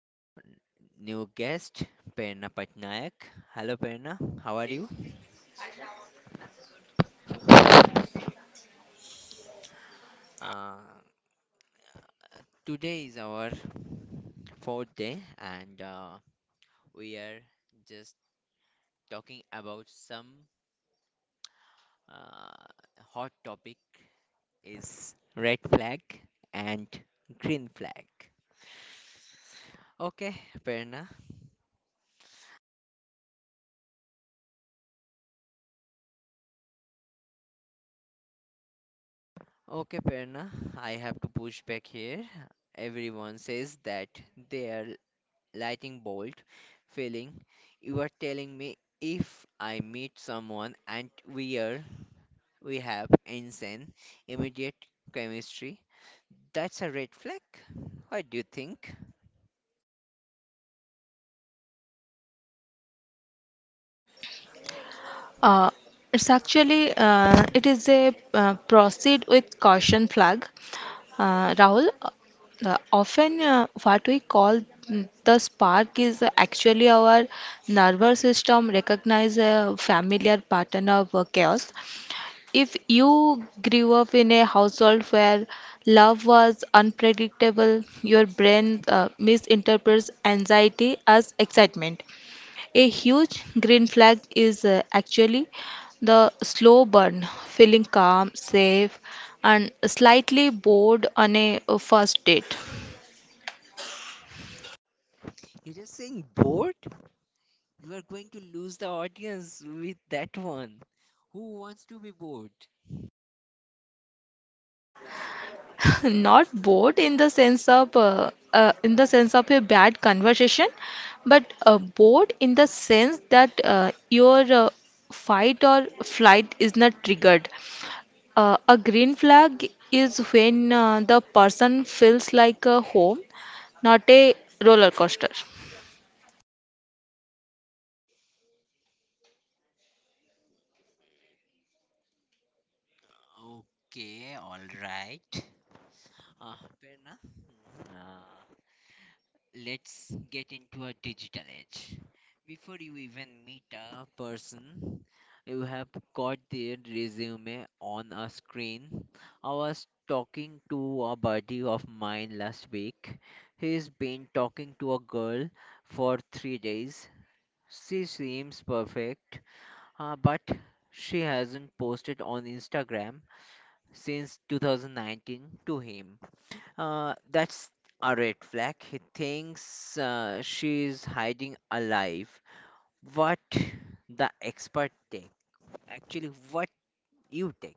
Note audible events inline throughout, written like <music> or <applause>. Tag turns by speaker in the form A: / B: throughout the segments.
A: is our new guest Perna Patnaik. Hello Perna, how are you? Uh, today is our fourth day, and we are just talking about some uh, hot topic is red flag and green flag. Okay, Perna, Okay, Perna, I have to push back here. Everyone says that they are lightning bolt feeling. You are telling me if I meet someone and we have insane immediate chemistry, that's a red flag. What do you think?
B: Uh, it's actually it is a proceed with caution flag, Rahul. Often, what we call the spark is actually our nervous system recognize a familiar pattern of chaos. If you grew up in a household where love was unpredictable, your brain misinterprets anxiety as excitement. A huge green flag is actually the slow burn, feeling calm, safe, and slightly bored on a first date.
A: You're just saying bored? You are going to lose the audience with that one. Who wants to be bored?
B: <laughs> Not bored in the sense of in the sense of a bad conversation, but bored in the sense that your fight or flight is not triggered. A green flag is when the person feels like a home, not a roller coaster.
A: Okay, all right. Ah, Perna. Ah. Let's get into a digital age. Before you even meet a person, you have got their resume on a screen. I was talking to a buddy of mine last week. He's been talking to a girl for 3 days. She seems perfect, but she hasn't posted on Instagram since 2019 to him. That's a red flag. He thinks she's hiding alive. What the expert take? Actually, what you take?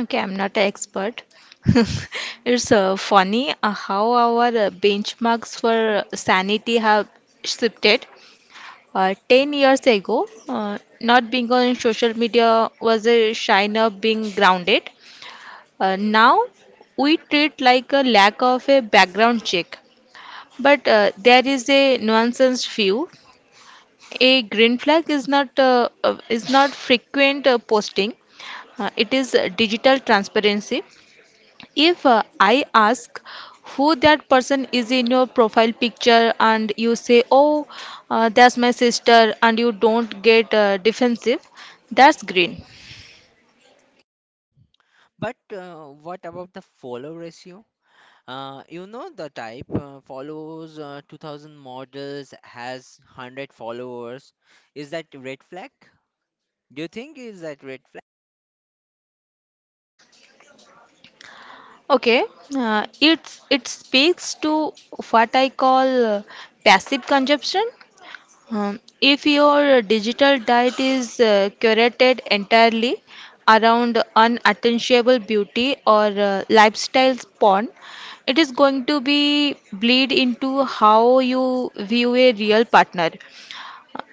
B: Okay, I'm not an expert. <laughs> It's funny how our benchmarks for sanity have shifted. 10 years ago, not being on social media was a sign of being grounded. Now, we treat like a lack of a background check. But there is a nuanced view. A green flag is not frequent posting. It is digital transparency. If I ask who that person is in your profile picture and you say, oh, that's my sister, and you don't get defensive, that's green.
A: But What about the follow ratio? You know the type follows 2000 models has 100 followers. Is that red flag? Do you think is that red flag?
B: Okay, it speaks to what I call passive consumption. If your digital diet is curated entirely around unattainable beauty or lifestyle porn, it is going to be bleed into how you view a real partner.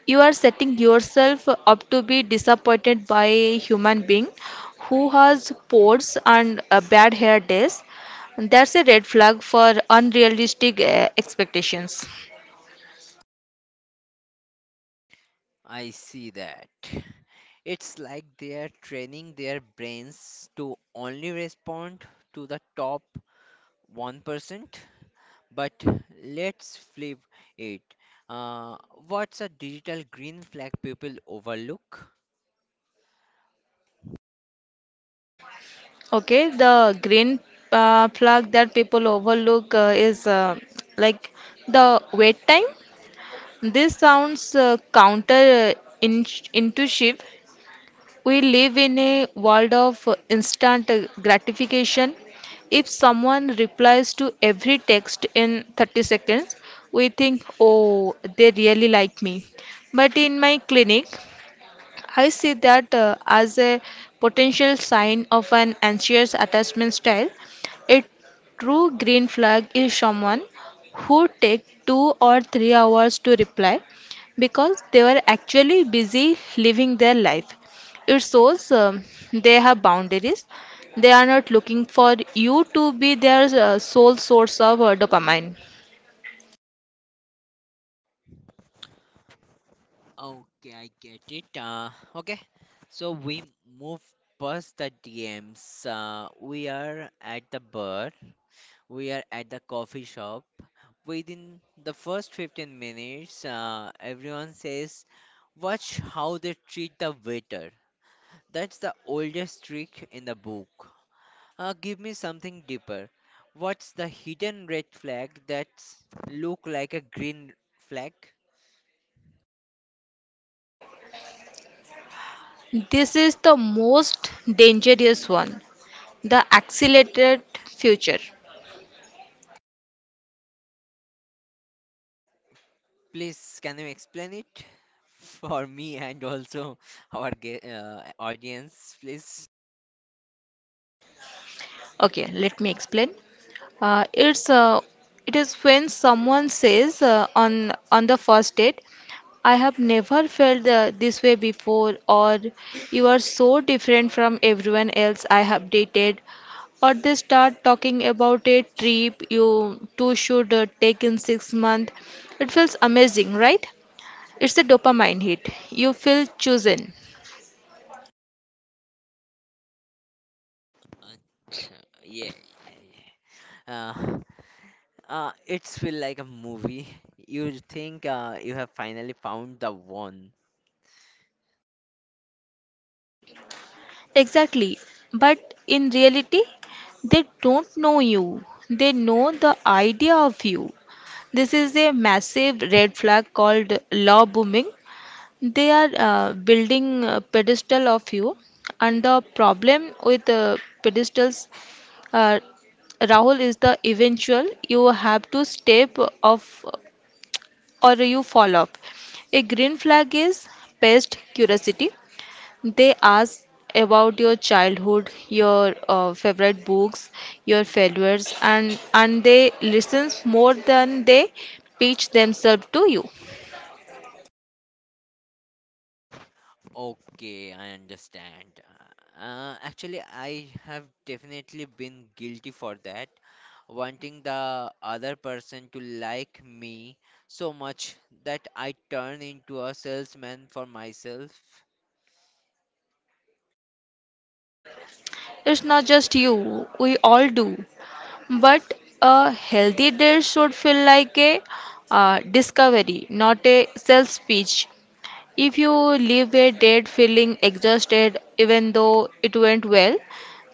B: You are setting yourself up to be disappointed by a human being who has pores and bad hair days. That's a red flag for unrealistic expectations.
A: I see that. It's like they're training their brains to only respond to the top 1%. But let's flip it. Uh, what's a digital green flag people overlook?
B: Okay, the green flag that people overlook is like the wait time. This sounds counter in intuitive. We live in a world of instant gratification. If someone replies to every text in 30 seconds, we think, oh, they really like me. But in my clinic, I see that as a potential sign of an anxious attachment style. A true green flag is someone who takes 2 or 3 hours to reply because they were actually busy living their life. It shows they have boundaries. They are not looking for you to be their sole source of dopamine.
A: Okay, I get it. Okay, so we move past the DMs. We are at the bar. We are at the coffee shop. Within the first 15 minutes, everyone says, watch how they treat the waiter. That's the oldest trick in the book. Give me something deeper. What's the hidden red flag that's look like a green flag?
B: This is the most dangerous one, the accelerated future.
A: Please, can you explain it <laughs> for me and also our audience, please?
B: Okay, let me explain. Uh, it's uh, it is when someone says on the first date, I have never felt this way before, or you are so different from everyone else I have dated, or they start talking about a trip you two should take in 6 months. It feels amazing, right? It's a dopamine hit. You feel chosen.
A: Achha, yeah. Uh, it's feel like a movie. You think you have finally found the one.
B: Exactly. But in reality, they don't know you. They know the idea of you. This is a massive red flag called law booming. They are building a pedestal of you. And the problem with pedestals, uh, Rahul, is the eventual you have to step off or you fall off. A green flag is past curiosity. They ask about your childhood, your favorite books, your failures, and they listen more than they pitch themselves to you.
A: Okay, I understand. Actually, I have definitely been guilty for that, wanting the other person to like me so much that I turn into a salesman for myself.
B: It's not just you; we all do. But a healthy date should feel like a discovery, not a self speech. If you leave a date feeling exhausted, even though it went well,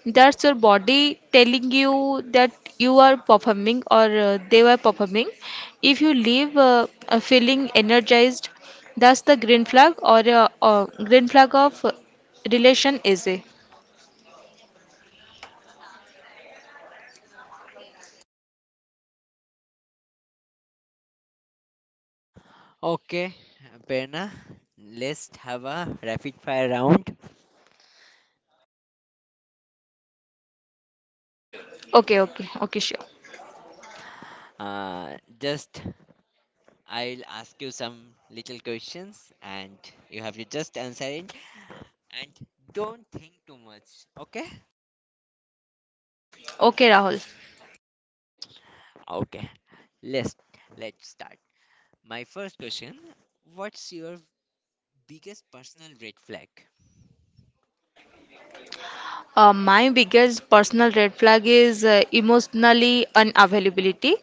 B: that's your body telling you that you are performing or they were performing. If you leave feeling energized, that's the green flag or green flag of relation is a.
A: Okay, Berna, let's have a rapid fire round.
B: Okay, okay, okay, sure.
A: Just I'll ask you some little questions and you have to just answer it and don't think too much. Okay?
B: Okay, Rahul.
A: Okay. Let's let's start. My first question, what's your biggest personal red flag?
B: My biggest personal red flag is emotionally unavailability.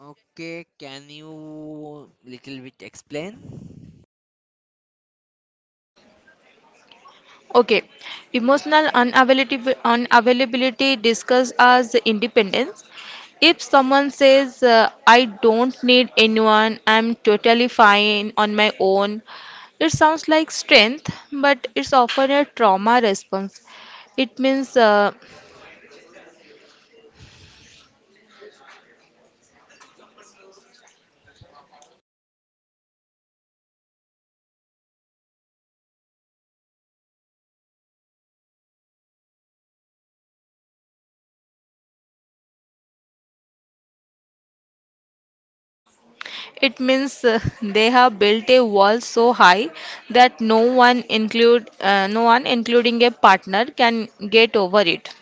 A: Okay, can you little bit explain?
B: Okay, emotional unavailability discussed as independence. If someone says, I don't need anyone, I'm totally fine on my own, it sounds like strength, but it's often a trauma response. It means uh, it means <laughs> they have built a wall so high that no one including a partner can get over it.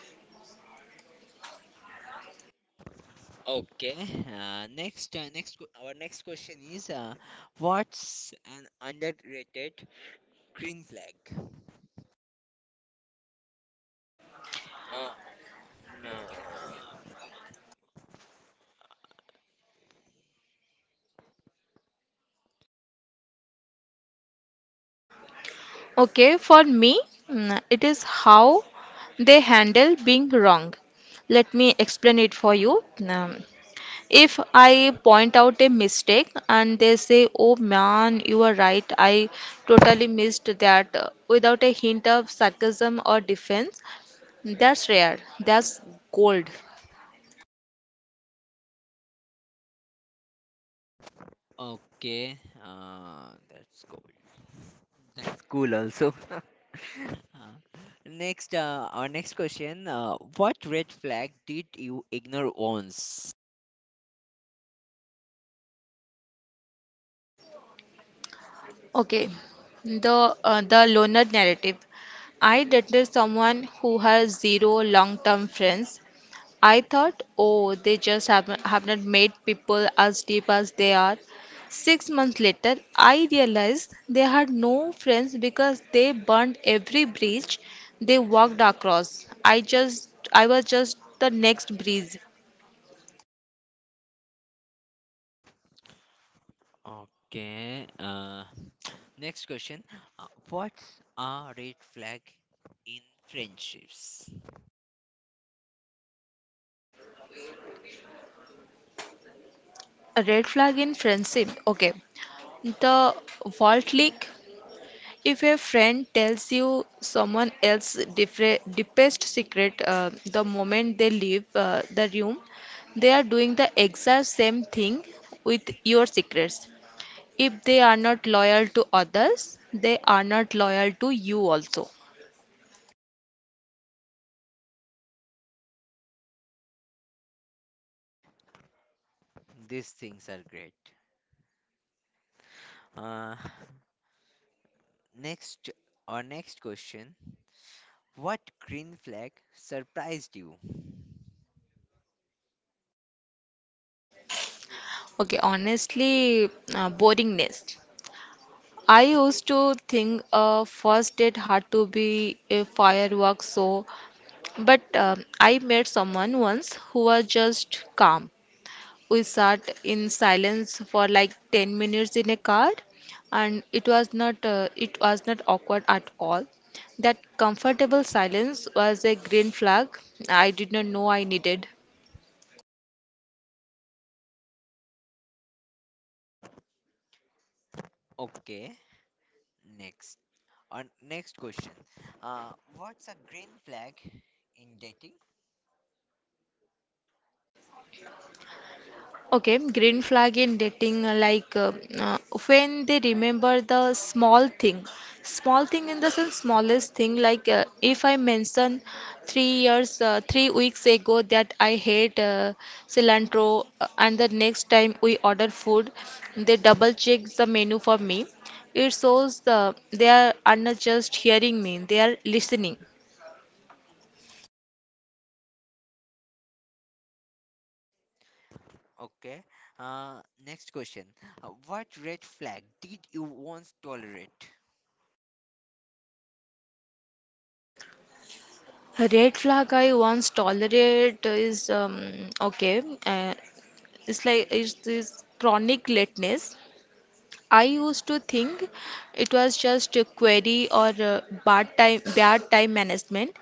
A: Okay. Our next question is, what's an underrated green flag? Uh,
B: Okay, for me, it is how they handle being wrong. Let me explain it for you. Um, if I point out a mistake and they say, oh man, you are right, I totally missed that, without a hint of sarcasm or defense, that's rare, that's gold.
A: Okay, that's cool. That's cool also. <laughs> Uh, our next question. What red flag did you ignore once?
B: Okay, the loner narrative. I dated someone who has zero long-term friends. I thought, oh, they just haven't made people as deep as they are. 6 months later, I realized they had no friends because they burned every bridge they walked across. I was just the next breeze.
A: Okay. Next question. What's a red flag in friendships?
B: A red flag in friendship. Okay. The Vault Leak. If a friend tells you someone else's deepest secret the moment they leave the room, they are doing the exact same thing with your secrets. If they are not loyal to others, they are not loyal to you also.
A: These things are great. Uh, next, our next question. What green flag surprised you?
B: Okay, honestly, boringness. I used to think a first date had to be a fireworks show, but I met someone once who was just calm. We sat in silence for like 10 minutes in a car, and it was not awkward at all. That comfortable silence was a green flag I did not know I needed.
A: Okay. Next. Our next question. What's a green flag in dating?
B: Okay, green flag in dating, uh, when they remember the small thing in the sense smallest thing. Like if I mention 3 years, 3 weeks ago that I hate cilantro, and the next time we order food, they double check the menu for me. It shows they are not just hearing me; they are listening.
A: Okay. Uh, Next question. What red flag did you once tolerate?
B: Red flag I once tolerate is okay. It's this chronic lateness. I used to think it was just a query or bad time management,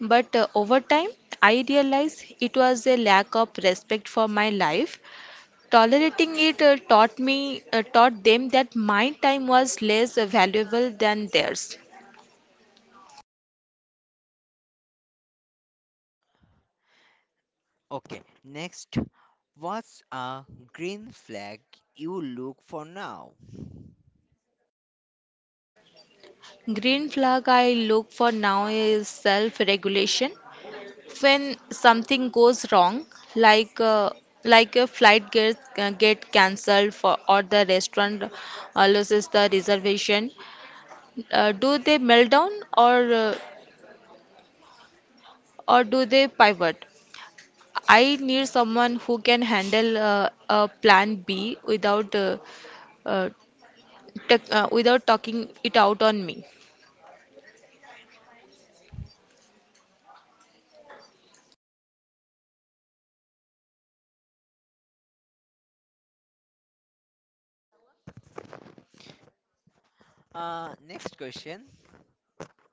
B: but over time I realized it was a lack of respect for my life. Tolerating it taught them that my time was less valuable than theirs.
A: Okay. Next. What's a green flag you look for now?
B: Green flag I look for now is self regulation. When something goes wrong, like uh, like a flight get cancelled for or the restaurant loses the reservation, do they melt down or uh, or do they pivot? I need someone who can handle a plan B without uh, without talking it out on me.
A: Next question.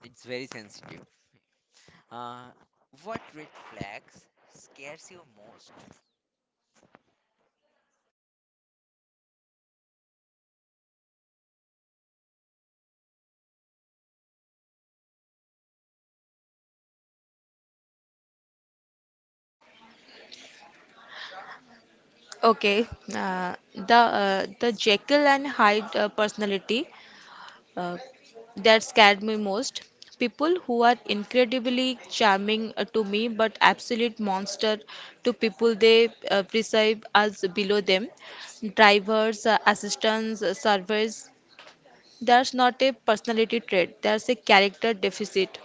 A: It's very sensitive. Uh, what red flags scares you most?
B: Okay, the Jekyll and Hyde personality. uh, that scared me most. People who are incredibly charming to me, but absolute monster to people they perceive as below them. Drivers, assistants, servers. That's not a personality trait. That's a character deficit.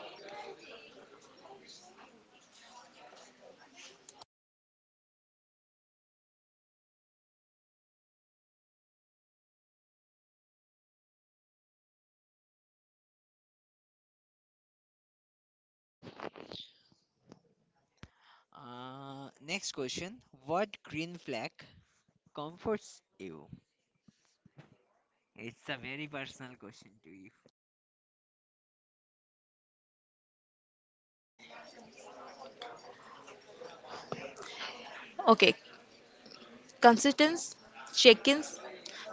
A: Next question. What green flag comforts you? It's a very personal question to you.
B: Okay, consistency, check-ins,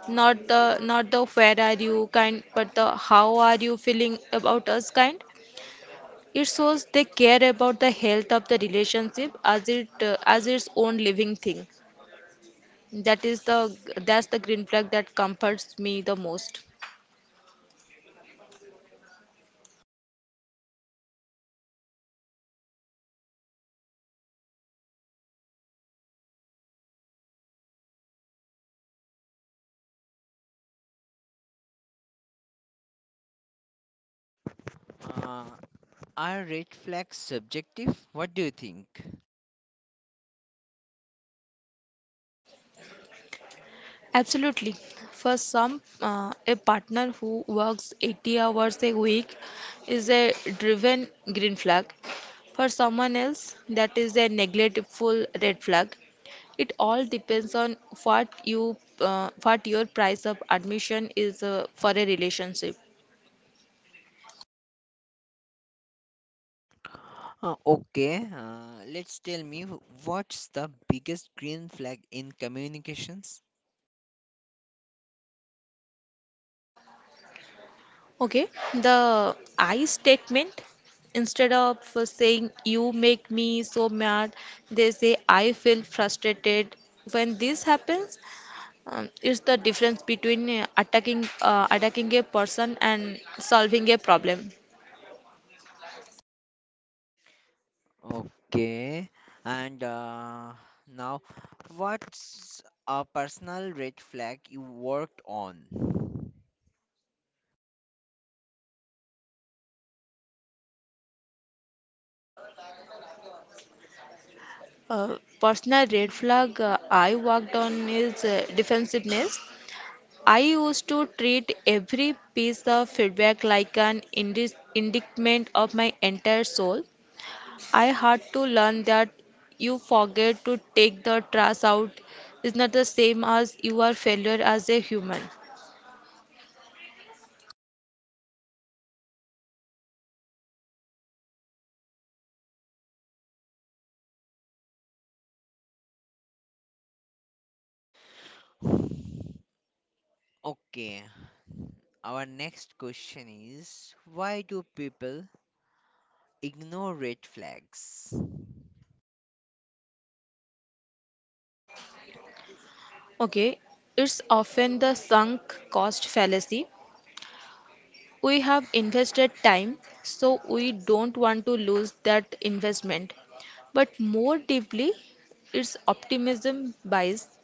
B: not the where are you kind, but the how are you feeling about us kind. It shows they care about the health of the relationship as its own living thing. That is the that's the green flag that comforts me the most.
A: Uh, are red flags subjective? What do you think?
B: Absolutely. For some, a partner who works 80 hours a week is a driven green flag. For someone else, that is a neglectful red flag. It all depends on what your price of admission is for a relationship.
A: Okay, let's tell me what's the biggest green flag in communications?
B: Okay, the I statement, instead of saying you make me so mad, they say I feel frustrated. When this happens, it's the difference between attacking a person and solving a problem.
A: Okay, and now what's a personal red flag you worked on?
B: Personal red flag I worked on is defensiveness. I used to treat every piece of feedback like an indictment of my entire soul. I had to learn that you forget to take the trash out is not the same as you are failure as a human.
A: Okay, our next question is why do people ignore red flags?
B: Okay, it's often the sunk cost fallacy. We have invested time, so we don't want to lose that investment. But more deeply, it's optimism bias.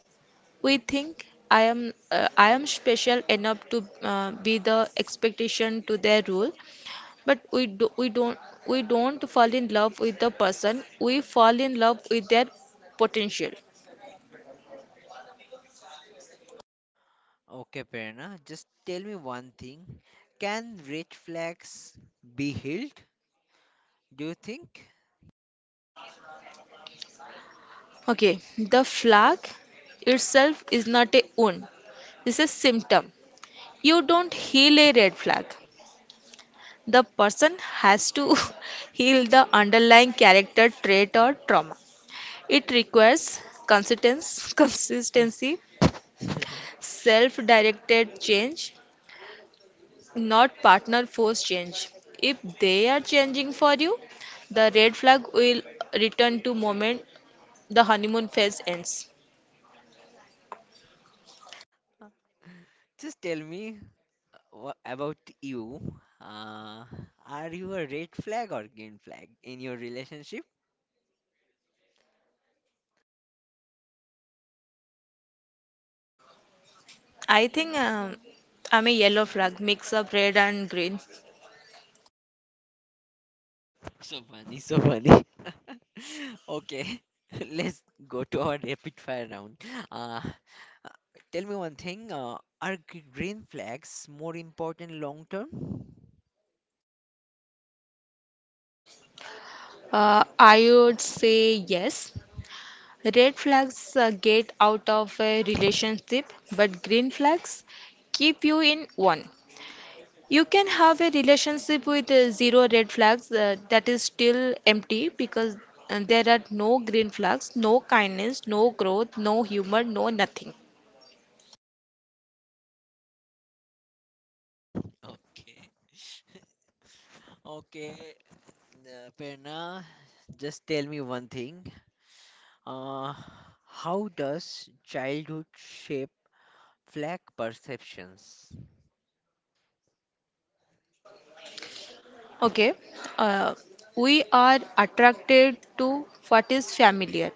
B: We think I am special enough to be the expectation to their rule, but we don't fall in love with the person. We fall in love with their potential.
A: Okay, Prerna, just tell me one thing. Can red flags be healed, do you think?
B: Okay, the flag itself is not a wound. This is symptom. You don't heal a red flag. The person has to <laughs> heal the underlying character trait or trauma. It requires consistency <laughs> consistency,
A: <laughs>
B: self-directed change, not partner force change. If they are changing for you, the red flag will return to moment the honeymoon phase ends.
A: Just tell me about you. Uh, are you a red flag or green flag in your relationship?
B: I think I'm a yellow flag, mix of red and green.
A: <laughs> So funny, so funny. <laughs> Okay, <laughs> let's go to our rapid fire round. Uh, uh, Tell me one thing. Are green flags more important long term?
B: I would say yes. Red flags get out of a relationship, but green flags keep you in one. You can have a relationship with zero red flags that is still empty because there are no green flags, no kindness, no growth, no humor, no nothing.
A: Okay. <laughs> Okay, Prerna, just tell me one thing. Uh, how does childhood shape flag perceptions?
B: Okay, uh, we are attracted to what is familiar,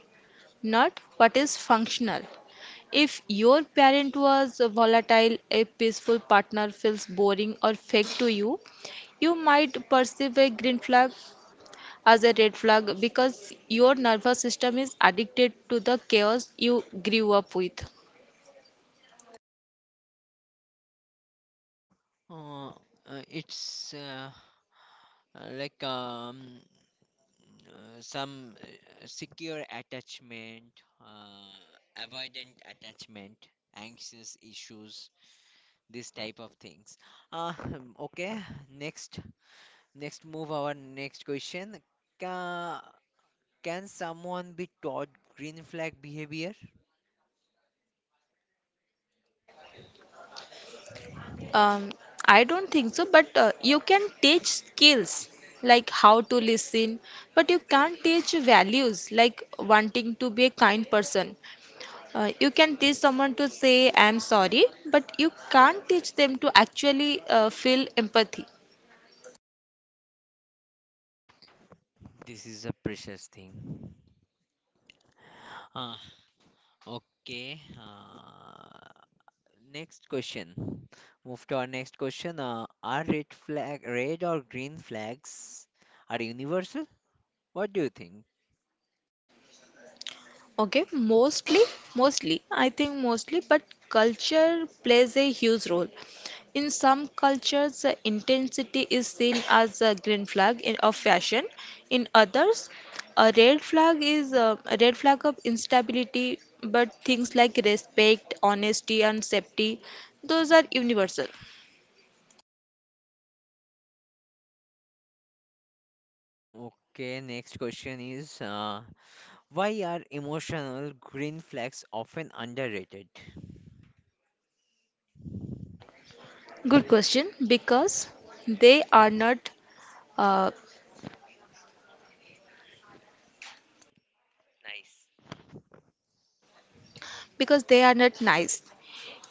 B: not what is functional. If your parent was volatile, a peaceful partner feels boring or fake to you. You might perceive a green flag as a red flag because your nervous system is addicted to the chaos you grew up with.
A: It's Like some secure attachment, avoidant attachment, anxious issues, this type of things. <laughs> Okay, next, next move our next question. Ka Can someone be taught green flag behavior?
B: Um, I don't think so, but you can teach skills like how to listen, but you can't teach values like wanting to be a kind person. You can teach someone to say I'm sorry, but you can't teach them to actually feel empathy.
A: This is a precious thing. Uh, okay. Next question. Move to our next question. Are red or green flags are universal? What do you think?
B: Okay, mostly, I think mostly, but culture plays a huge role. In some cultures, intensity is seen as a green flag of fashion. In others, a red flag of instability, but things like respect, honesty, and safety, those are universal.
A: Okay, next question is why are emotional green flags often underrated?
B: Good question, they are not uh,
A: Nice.
B: because they are not nice.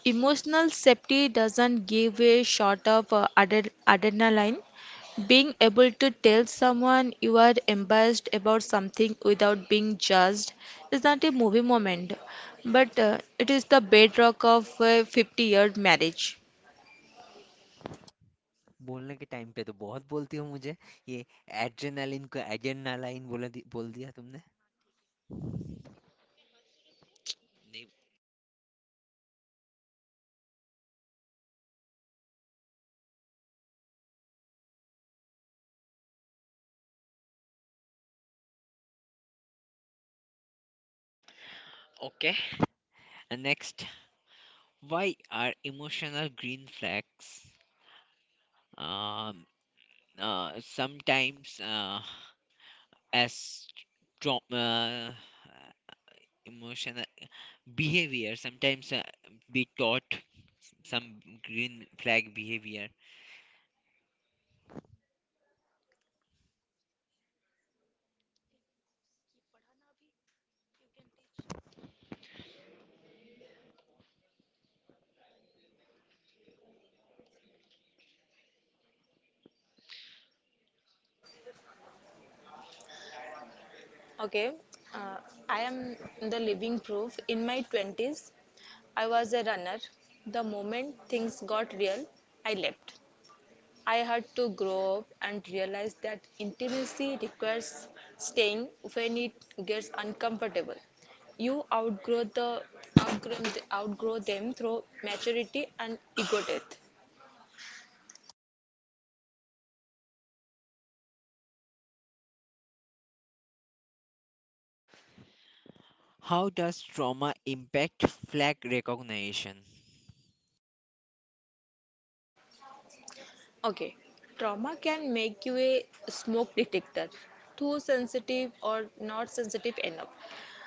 B: Emotional safety doesn't give a shot of adrenaline. Being able to tell someone you are embarrassed about something without being judged is not a movie moment, but it is the bedrock of a 50-year marriage.
A: बोलने के time पे तो बहुत बोलती हो मुझे ये adrenaline को एड्रेनालाइन बोल दिया तुमने. Ne- Okay. And next, why are emotional green flags um, sometimes as trauma, emotional behavior, sometimes be taught some green flag behavior?
B: Okay, uh, I am the living proof. In my 20s, I was a runner. The moment things got real, I left. I had to grow up and realize that intimacy requires staying when it gets uncomfortable. You outgrow them through maturity and ego death.
A: How does trauma impact flag recognition?
B: Okay, trauma can make you a smoke detector, too sensitive or not sensitive enough.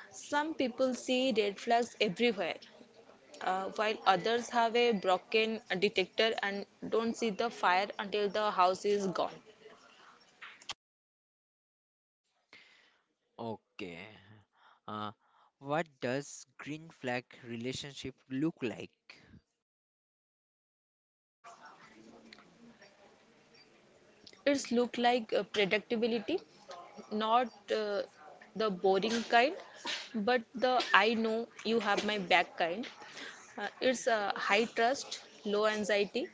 B: Some people see red flags everywhere, while others have a broken detector and don't see the fire until the house is gone.
A: Okay. Uh, what does green flag relationship look like?
B: It's look like predictability, not uh, the boring kind, but the I know you have my back kind. It's a high trust, low anxiety.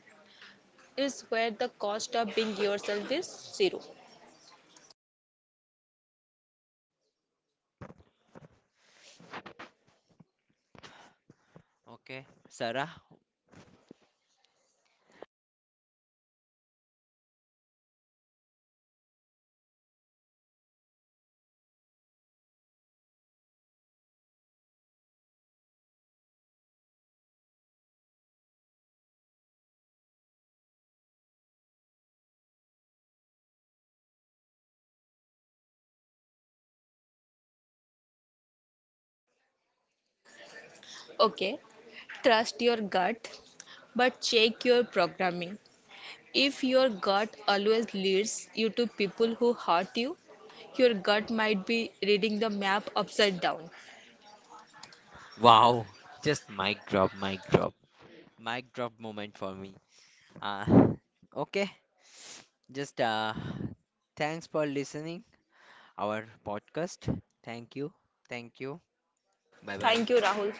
B: Is where the cost of being yourself is zero.
A: Okay, Sarah,
B: Okay, trust your gut, but check your programming. If your gut always leads you to people who hurt you, your gut might be reading the map upside down.
A: wow, just mic drop, mic drop, mic drop moment for me. Uh, okay, just thanks for listening our podcast. Thank you, thank you. Bye
B: Thank you,
A: bye.
B: Rahul.